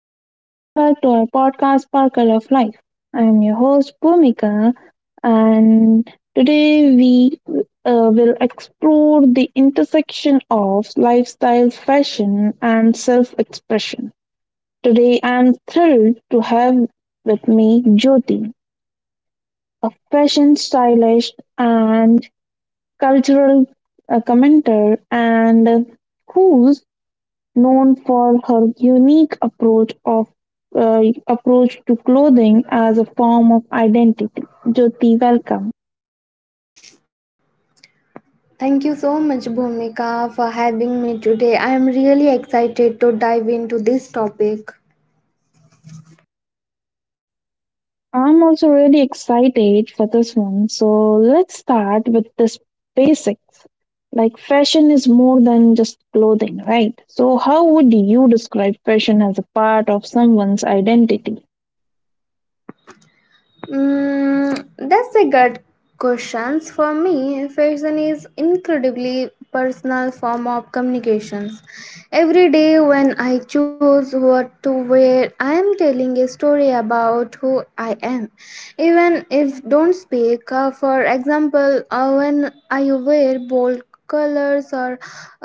Hello and welcome back to our podcast, Sparkle of Life. I am your host, Bhumika, and today we will explore the intersection of lifestyle, fashion, and self expression. Today, I am thrilled to have with me Jyoti, a fashion stylist and cultural commentator, and whose known for her unique uh, approach to clothing as a form of identity. Jyoti, welcome. Thank you so much, Bhumika, for having me today. I am really excited to dive into this topic. I'm also really excited for this one. So let's start with this basics. Like fashion is more than just clothing, right? So how would you describe fashion as a part of someone's identity? That's a good questions for me fashion is incredibly personal form of communications. Every day when I choose what to wear I am telling a story about who I am even if don't speak. For example when I wear bold colors or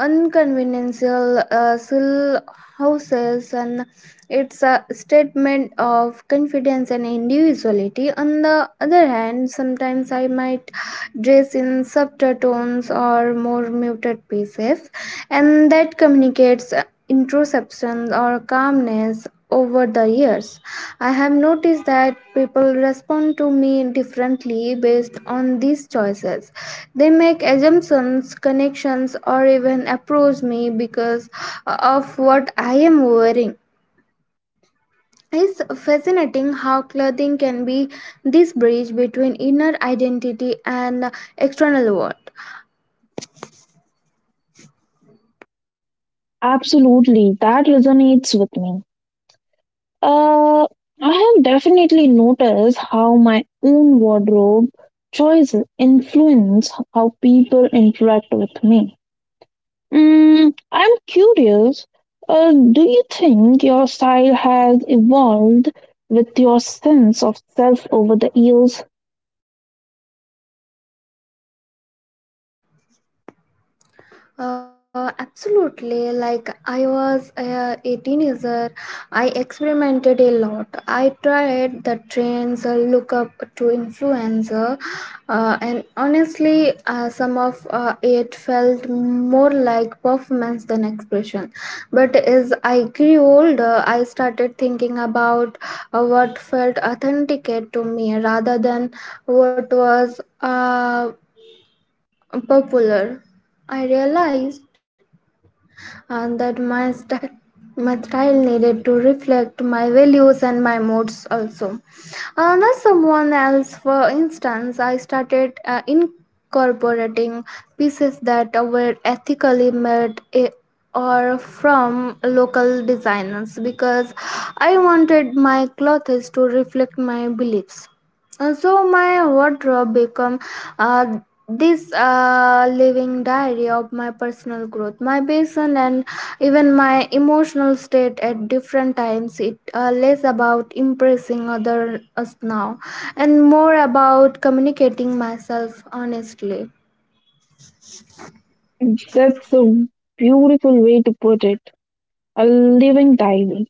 unconventional silhouettes and it's a statement of confidence and individuality. On the other hand, sometimes I might dress in softer tones or more muted pieces, and that communicates introspection or calmness. Over the years, I have noticed that people respond to me differently based on these choices. They make assumptions, connections, or even approach me because of what I am wearing. It's fascinating how clothing can be this bridge between inner identity and external world. Absolutely, that resonates with me. Uh, I have definitely noticed how my own wardrobe choices influence how people interact with me. Mm, I'm curious, do you think your style has evolved with your sense of self over the years? Absolutely. Like I was a 18 year, I experimented a lot. I tried the trends, look up to influencer, and honestly, some of it felt more like performance than expression. But as I grew older, I started thinking about what felt authentic to me rather than what was popular. I realized and that my style needed to reflect my values and my moods also, not someone else. For instance I started incorporating pieces that were ethically made, or from local designers because I wanted my clothes to reflect my beliefs. So my wardrobe become uh, this living diary of my personal growth, my passion, and even my emotional state at different times. It less about impressing others now, and more about communicating myself honestly. That's a beautiful way to put it. A living diary.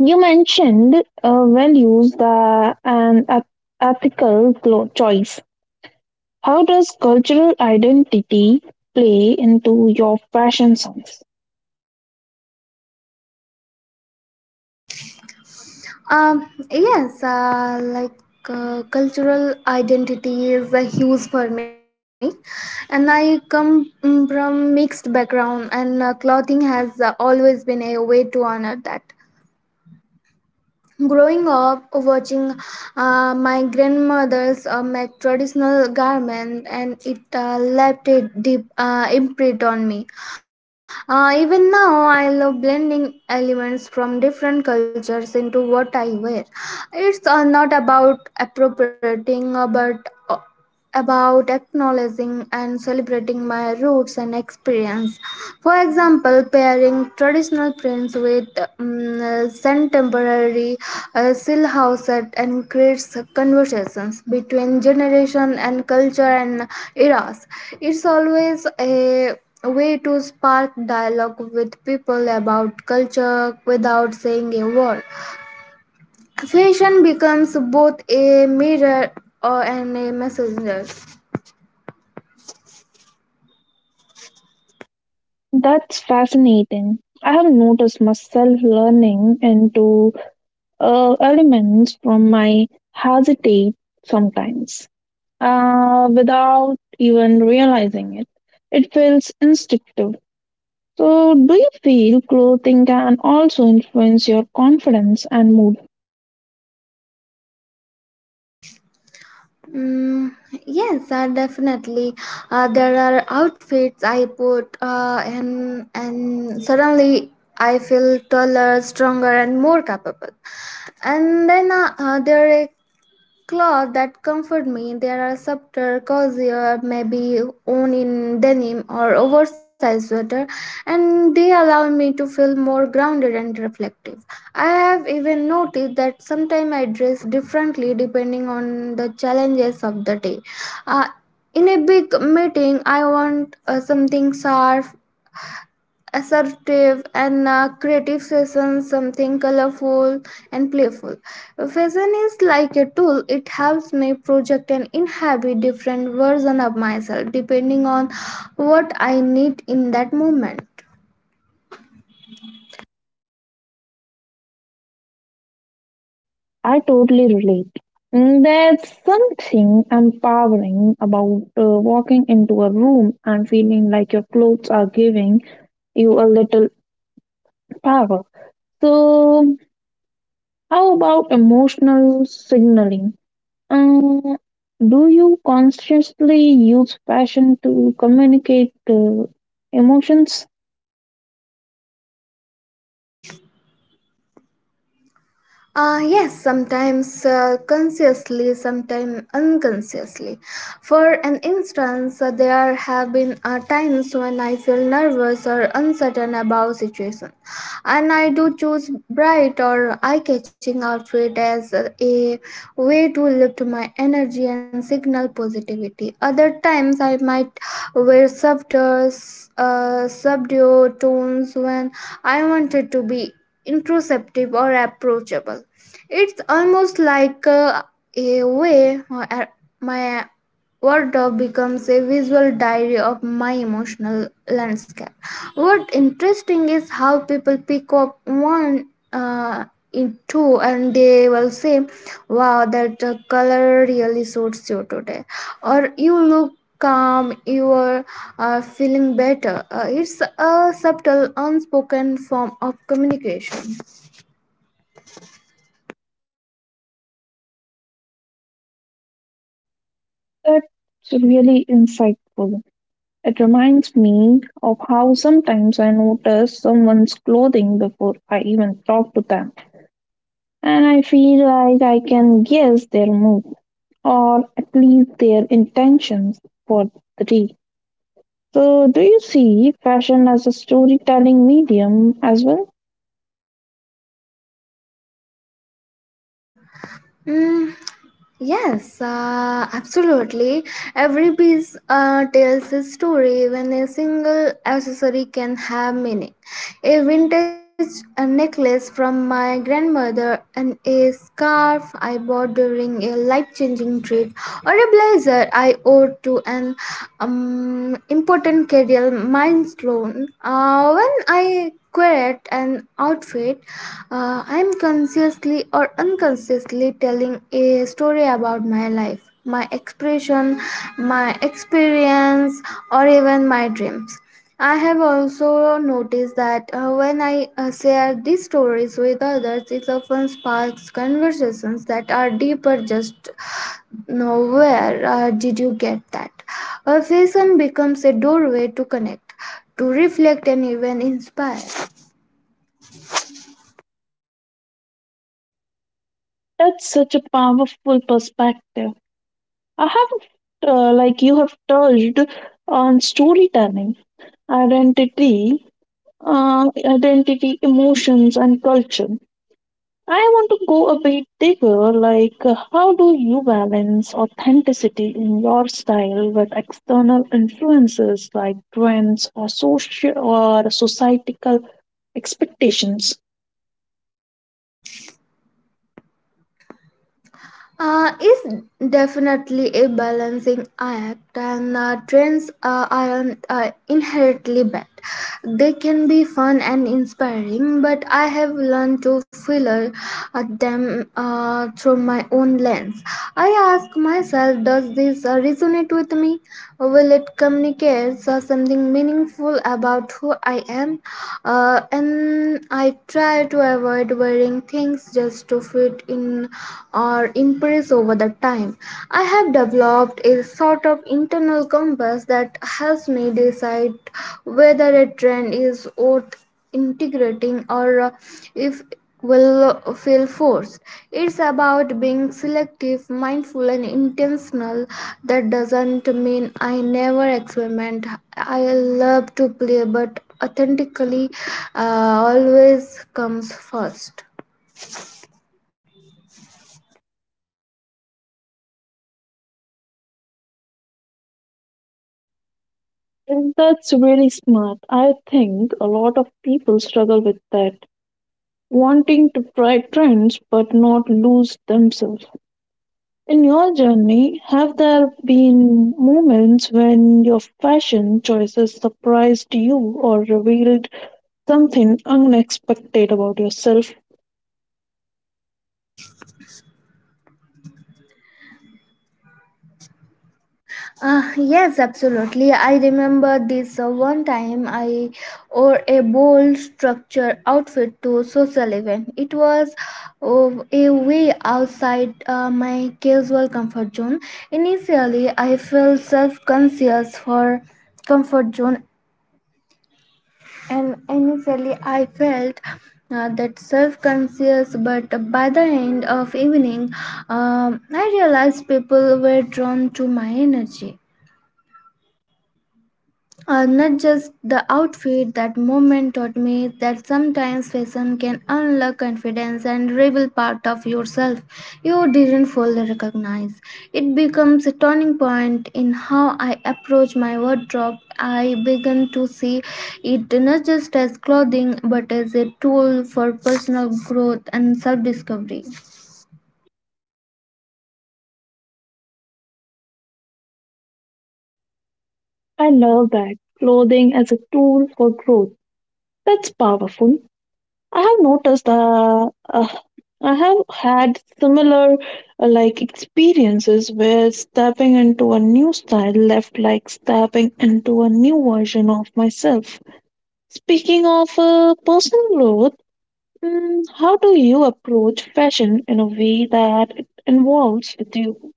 You mentioned values that, ethical choice. How does cultural identity play into your fashion sense? Um, yes, uh, like Cultural identity is a huge for me, and I come from mixed background, and clothing has always been a way to honor that. Growing up, watching my grandmother's make traditional garment, and it left a deep imprint on me. Even now, I love blending elements from different cultures into what I wear. It's not about appropriating, but uh, about acknowledging and celebrating my roots and experience. For example, pairing traditional prints with contemporary silhouette set and creates conversations between generation and culture and eras. It's always a way to spark dialogue with people about culture without saying a word. Fashion becomes both a mirror and a messenger. That's fascinating. I have noticed myself learning into elements from my heritage sometimes without even realizing it. It feels instinctive. So, do you feel clothing can also influence your confidence and mood? Mm, yes, definitely. There are outfits I put and suddenly I feel taller, stronger, and more capable. And then there Clothes that comfort me. There are subtler, cozier, maybe worn in denim or oversized sweater, and they allow me to feel more grounded and reflective. I have even noticed that sometimes I dress differently depending on the challenges of the day. Uh, in a big meeting, I want something sharp assertive and creative fashion something colorful and playful. Fashion is like a tool. It helps me project and inhabit different version of myself depending on what I need in that moment. I totally relate. Mm, there's something empowering about walking into a room and feeling like your clothes are giving you a little power. So, how about emotional signaling? Uh, do you consciously use fashion to communicate emotions? Yes, sometimes consciously, sometimes unconsciously. For an instance, there have been times when I feel nervous or uncertain about situation, and I do choose bright or eye-catching outfit as a way to lift my energy and signal positivity. Other times, I might wear softer, subdued tones when I wanted to be introspective or approachable. It's almost like a way my wardrobe becomes a visual diary of my emotional landscape. What interesting is how people pick up one uh, in two and they will say, "Wow, that color really suits you today," or "You look." Calm you are feeling better. It's a subtle unspoken form of communication. That's really insightful. It reminds me of how sometimes I notice someone's clothing before I even talk to them, and I feel like I can guess their mood or at least their intentions for the day. So, do you see fashion as a storytelling medium as well? Mm, Yes, absolutely. Every piece tells a story, even a single accessory can have meaning. A vintage necklace from my grandmother, and a scarf I bought during a life changing trip, or a blazer I owed to an important career milestone. When I create an outfit, I'm consciously or unconsciously telling a story about my life, my expression, my experience, or even my dreams. I have also noticed that when I share these stories with others, it often sparks conversations that are deeper just now, where did you get that? A vision becomes a doorway to connect, to reflect, and even inspire. That's such a powerful perspective. I have, like you have touched on storytelling, identity, uh, identity, emotions, and culture. I want to go a bit deeper, like how do you balance authenticity in your style with external influences like trends or social or societal expectations? Is definitely a balancing act, and trends aren't inherently bad. They can be fun and inspiring, but I have learned to filter them through my own lens. I ask myself, does this resonate with me? Will it communicate something meaningful about who I am? And I try to avoid wearing things just to fit in or impress over the time. I have developed a sort of internal compass that helps me decide whether a trend is worth integrating or if will feel forced. It's about being selective, mindful and intentional. That doesn't mean I never experiment. I love to play but authentically uh, always comes first. And that's really smart. I think a lot of people struggle with that, wanting to try trends but not lose themselves. In your journey, have there been moments when your fashion choices surprised you or revealed something unexpected about yourself. Yes, absolutely. I remember this one time I wore a bold structure outfit to a social event. It was a way outside my casual comfort zone. Initially, I felt self-conscious for comfort zone, and initially I felt that self-conscious. But by the end of evening, I realized people were drawn to my energy. Not just the outfit, that moment taught me that sometimes fashion can unlock confidence and reveal part of yourself you didn't fully recognize. It becomes a turning point in how I approach my wardrobe. I began to see it not just as clothing but as a tool for personal growth and self discovery. I love that. Clothing as a tool for growth. That's powerful. I have noticed uh, uh, I have had similar experiences where stepping into a new style left like stepping into a new version of myself. Speaking of personal growth, mm, how do you approach fashion in a way that it involves with you?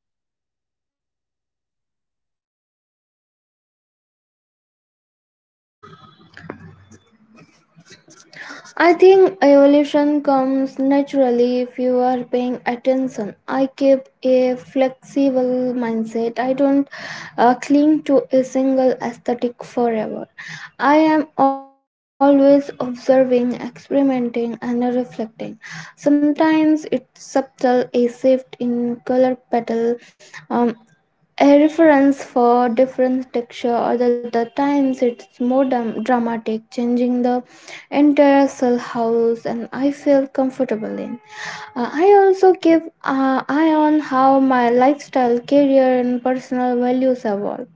I think evolution comes naturally if you are paying attention. I keep a flexible mindset. I don't cling to a single aesthetic forever. I am always observing, experimenting, and reflecting. Sometimes it's subtle, a shift in color petal, a reference for different texture or the times it's more dramatic changing the entire cell house and I feel comfortable in. I also keep eye on how my lifestyle career and personal values evolve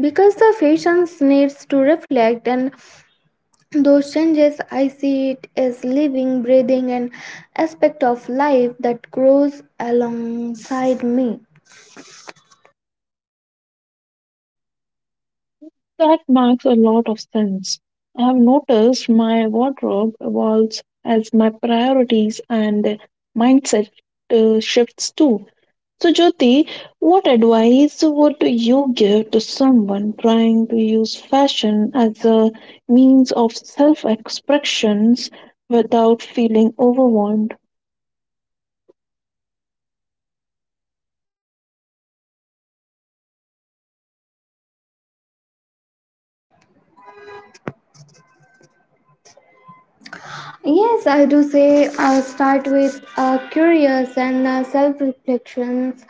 because the fashions needs to reflect and those changes. I see it as living breathing and aspect of life that grows alongside me. That makes a lot of sense. I have noticed my wardrobe evolves as my priorities and mindset shifts too. So, Jyoti, what advice would you give to someone trying to use fashion as a means of self expressions without feeling overwhelmed? Yes, I do say start with curious and self reflections.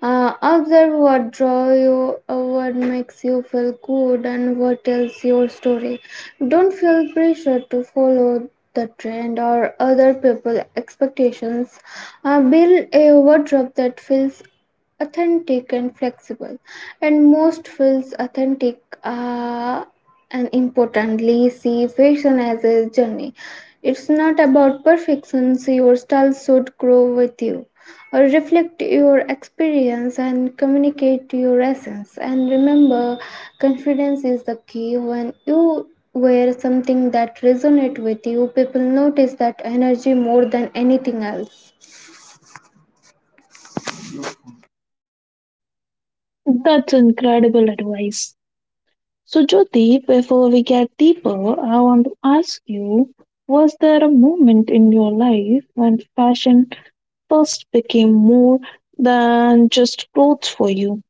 Observe what draw you, what makes you feel good, and what tells your story. Don't feel pressure to follow the trend or other people's expectations. Build a wardrobe that feels authentic and flexible, and most feels authentic. Uh, and importantly, see fashion as a journey. It's not about perfection, so your style should grow with you, or reflect your experience and communicate your essence. And remember, confidence is the key. When you wear something that resonates with you, people notice that energy more than anything else. That's incredible advice. So, Jyoti, before we get deeper, I want to ask you was there a moment in your life when fashion first became more than just clothes for you?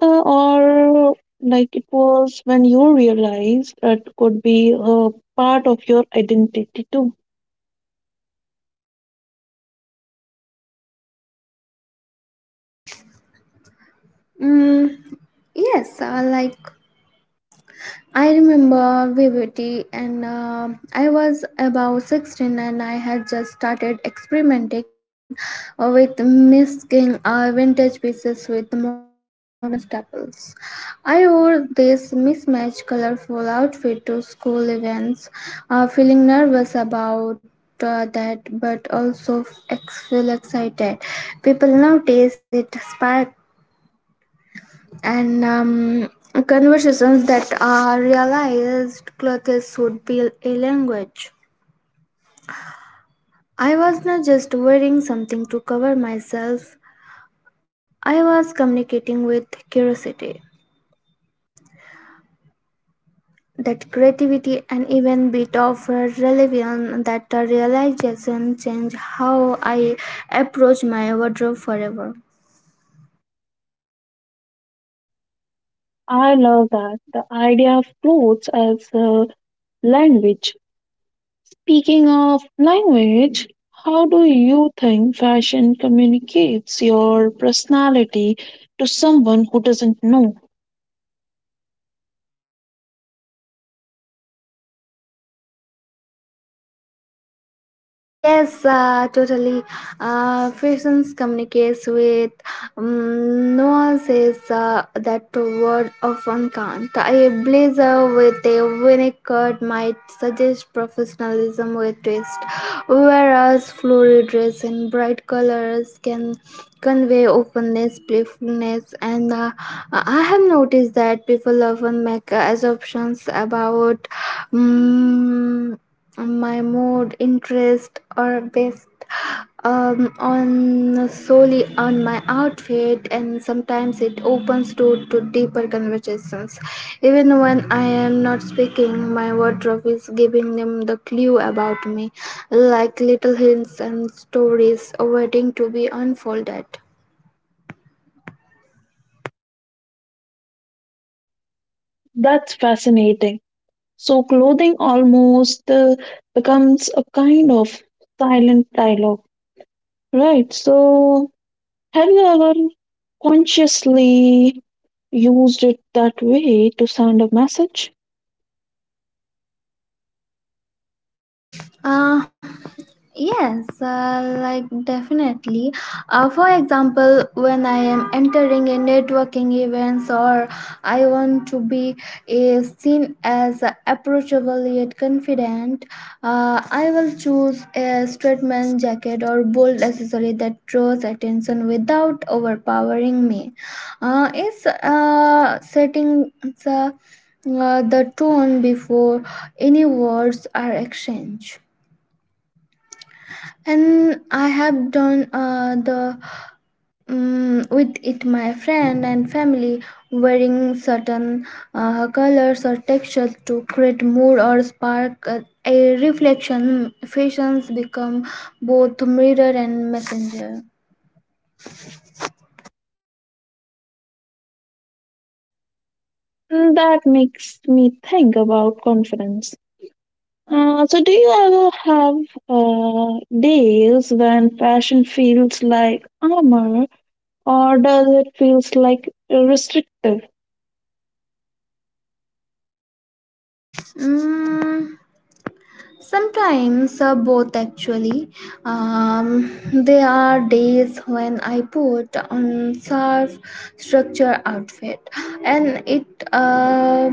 Or it was when you realized it could be a part of your identity too? Mm, yes, I like I remember vividly, and I was about 16 and I had just started experimenting with mixing vintage pieces with modern staples. I wore this mismatched colorful outfit to school events, feeling nervous about that but also feel excited. People notice it spark and conversations that are realized clothes would be a language. I was not just wearing something to cover myself, I was communicating with curiosity. That creativity and even bit of relevance that realization changed how I approach my wardrobe forever. I love that the idea of clothes as a language. Speaking of language, how do you think fashion communicates your personality to someone who doesn't know? Yes, totally. Frictions communicates with nuances that word often can't. A blazer with a vinaigrette might suggest professionalism with twist, whereas florid dress in bright colors can convey openness, playfulness, and I have noticed that people often make assumptions about. mm my mood, interest, or best on solely on my outfit, and sometimes it opens door to deeper conversations. Even when I am not speaking, my wardrobe is giving them the clue about me, like little hints and stories waiting to be unfolded. That's fascinating. So, clothing almost becomes a kind of silent dialogue, right? So, have you ever consciously used it that way to send a message? Uh, Yes, definitely. For example, when I am entering a networking events or I want to be seen as approachable yet confident, I will choose a statement jacket or bold accessory that draws attention without overpowering me. It's setting the, the tone before any words are exchanged, and I have done the with it my friend and family wearing certain colors or textures to create mood or spark a reflection. Fashions become both mirror and messenger. Mm, that makes me think about confidence. So do you ever have days when fashion feels like armor or does it feels like restrictive? Mm, sometimes both, actually. There are days when I put on sharp structure outfit, and it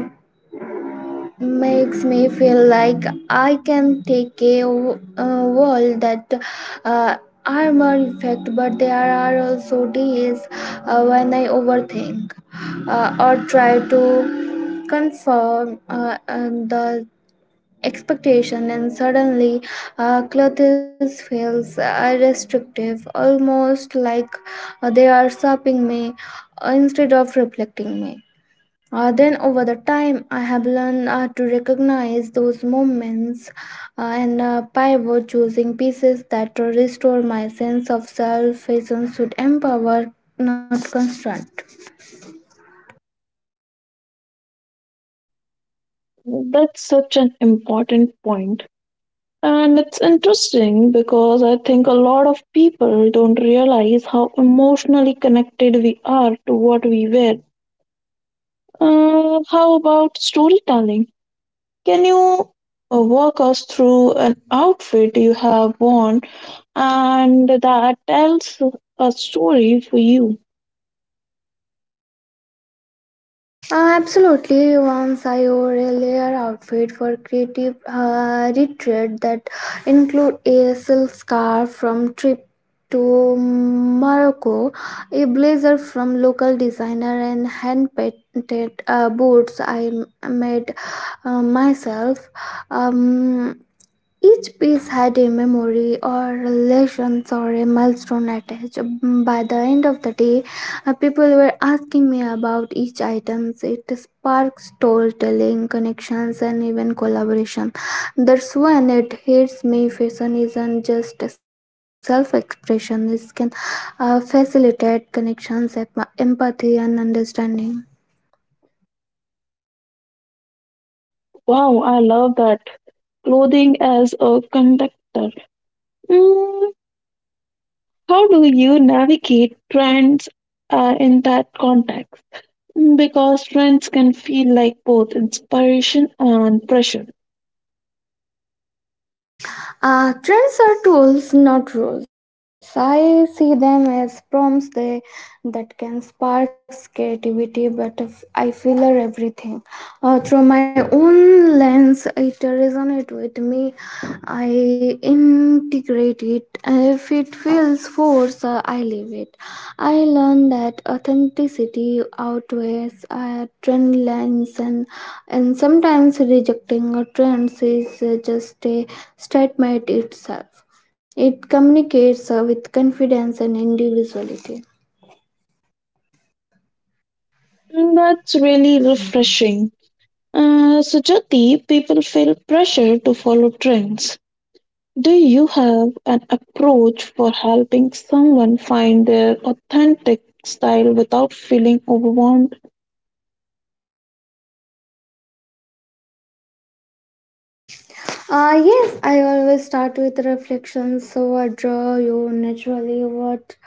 makes me feel like I can take a world that uh, are more effect, but there are also days when I overthink or try to conform and the expectation, and suddenly clothes feels restrictive, almost like they are stopping me instead of reflecting me. Then over the time, I have learned to recognize those moments and pivot, choosing pieces that restore my sense of self. Vision should empower, not constraint. That's such an important point. And it's interesting because I think a lot of people don't realize how emotionally connected we are to what we wear. How about storytelling? Can you walk us through an outfit you have worn and that tells a story for you. Absolutely. Once I wore a layer outfit for creative retreat that include a silk scarf from trip to Morocco, a blazer from local designer, and hand painted boots I made myself. Um, each piece had a memory or relations or a milestone attached. By the end of the day, people were asking me about each item. It sparked storytelling, connections, and even collaboration. That's when it hits me, fashion isn't just self expression, it can facilitate connections, empathy, and understanding. Wow, I love that. Clothing as a conductor. Mm, how do you navigate trends in that context? Mm, because trends can feel like both inspiration and pressure. Trends are tools, not rules. I see them as prompts that can spark creativity, but if I filler everything through my own lens, it resonates with me, I integrate it. If it feels forced, I leave it. I learned that authenticity outweighs trend lines, and sometimes rejecting a trend is just a statement itself. It communicates with confidence and individuality. Mm, that's really refreshing. So, Jyoti, people feel pressure to follow trends. Do you have an approach for helping someone find their authentic style without feeling overwhelmed? Yes, I always start with reflections. So, what draw you naturally? What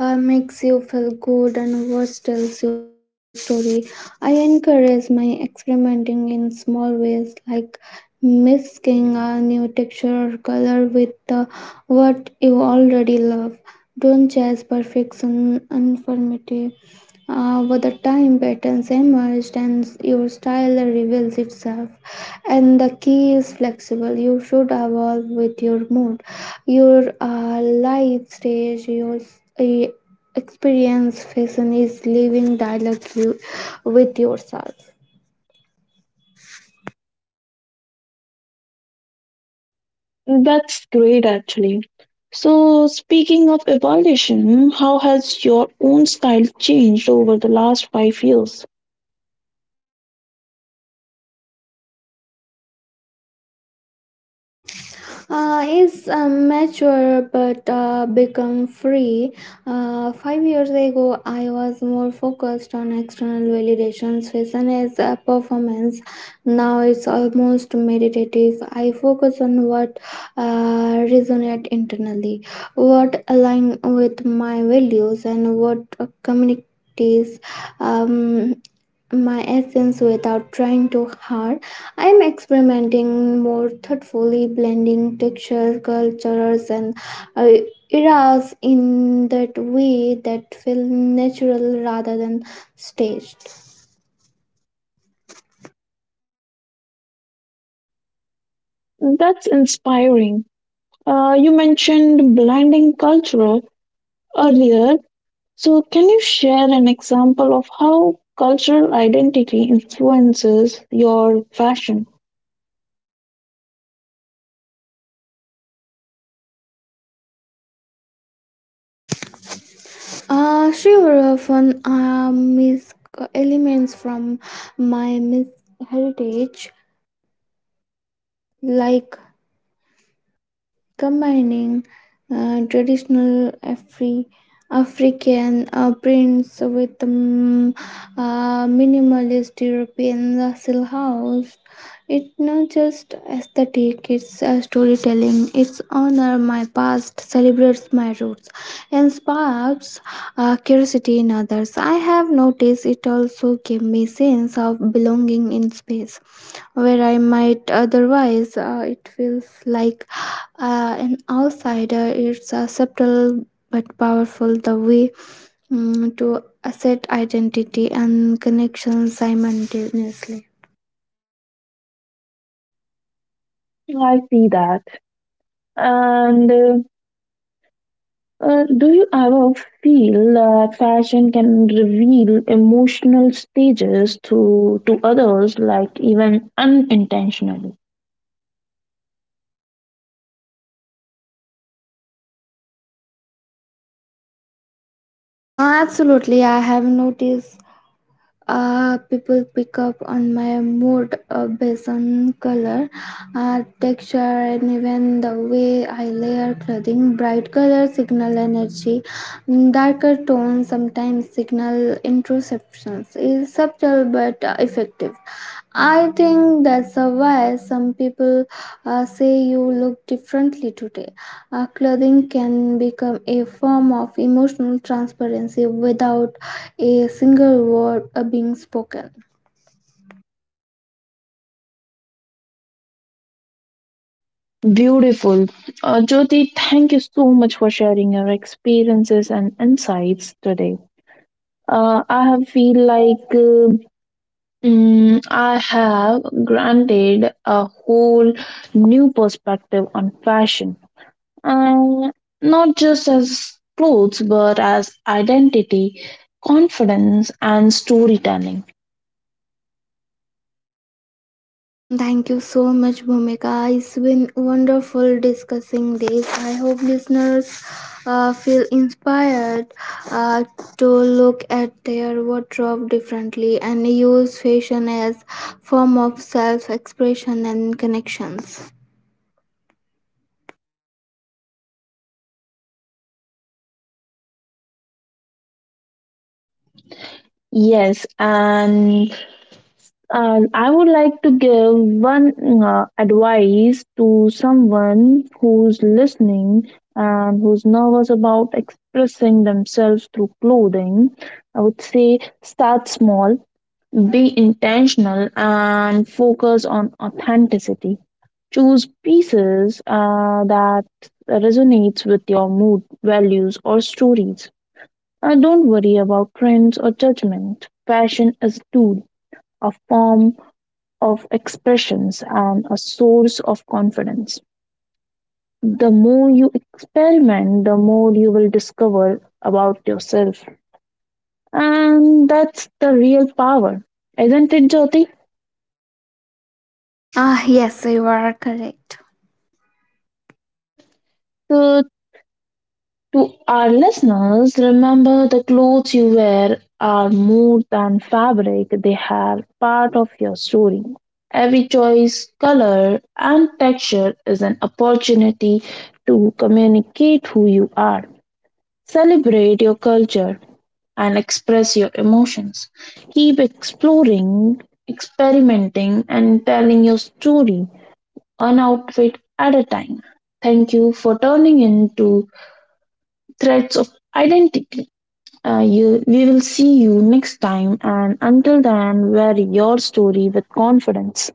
makes you feel good, and what tells your story? I encourage my experimenting in small ways, like mixing a new texture or color with what you already love. Don't chase perfection, unformative. Over time patterns emerged and your style reveals itself, and the key is flexible. You should evolve with your mood, your life stage, your uh, experience. Fashion is living dialogue with yourself. That's great, actually. So, speaking of evolution, how has your own style changed over the last 5 years? Is mature but become free. 5 years ago, I was more focused on external validations, fashion as a performance. Now it's almost meditative. I focus on what resonate internally, what align with my values, and what communities. Um, my essence without trying too hard. I am experimenting more thoughtfully, blending textures, cultures, and uh, eras in that way that feel natural rather than staged. That's inspiring. You mentioned blending culture earlier. So, can you share an example of how cultural identity influences your fashion? She will often miss elements from my heritage, like combining traditional African prints with minimalist European Russell house. It's not just aesthetic, it's storytelling. It's honor my past, celebrates my roots, and sparks curiosity in others. I have noticed it also gave me sense of belonging in space where I might otherwise. It feels like an outsider is a subtle but powerful the way to asset identity and connection simultaneously. I see that. And do you ever feel that fashion can reveal emotional stages to others, like even unintentionally? Absolutely, I have noticed people pick up on my mood based on color, uh, texture, and even the way I layer clothing. Bright colors signal energy, darker tones sometimes signal interceptions. Is subtle but effective. I think that's a why some people say you look differently today. Clothing can become a form of emotional transparency without a single word being spoken. Beautiful. Jyoti, thank you so much for sharing your experiences and insights today. I have feel like I have granted a whole new perspective on fashion and not just as clothes but as identity, confidence, and storytelling. Mm, thank you so much, Bhumika. It's been wonderful discussing this. I hope listeners feel inspired uh, to look at their wardrobe differently and use fashion as form of self-expression and connections. Yes, and I would like to give one advice to someone who's listening and who's nervous about expressing themselves through clothing. I would say start small. Be intentional and focus on authenticity. Choose pieces that resonates with your mood, values, or stories. Don't worry about trends or judgment. Fashion is a tool, a form of expressions, and a source of confidence. The more you experiment, the more you will discover about yourself. And that's the real power, isn't it, Jyoti? Ah, yes, you are correct. So, to our listeners, remember the clothes you wear are more than fabric, they are part of your story. Every choice, color, and texture is an opportunity to communicate who you are. Celebrate your culture and express your emotions. Keep exploring, experimenting, and telling your story one outfit at a time. Thank you for turning into threads of identity. We will see you next time, and until then, wear your story with confidence.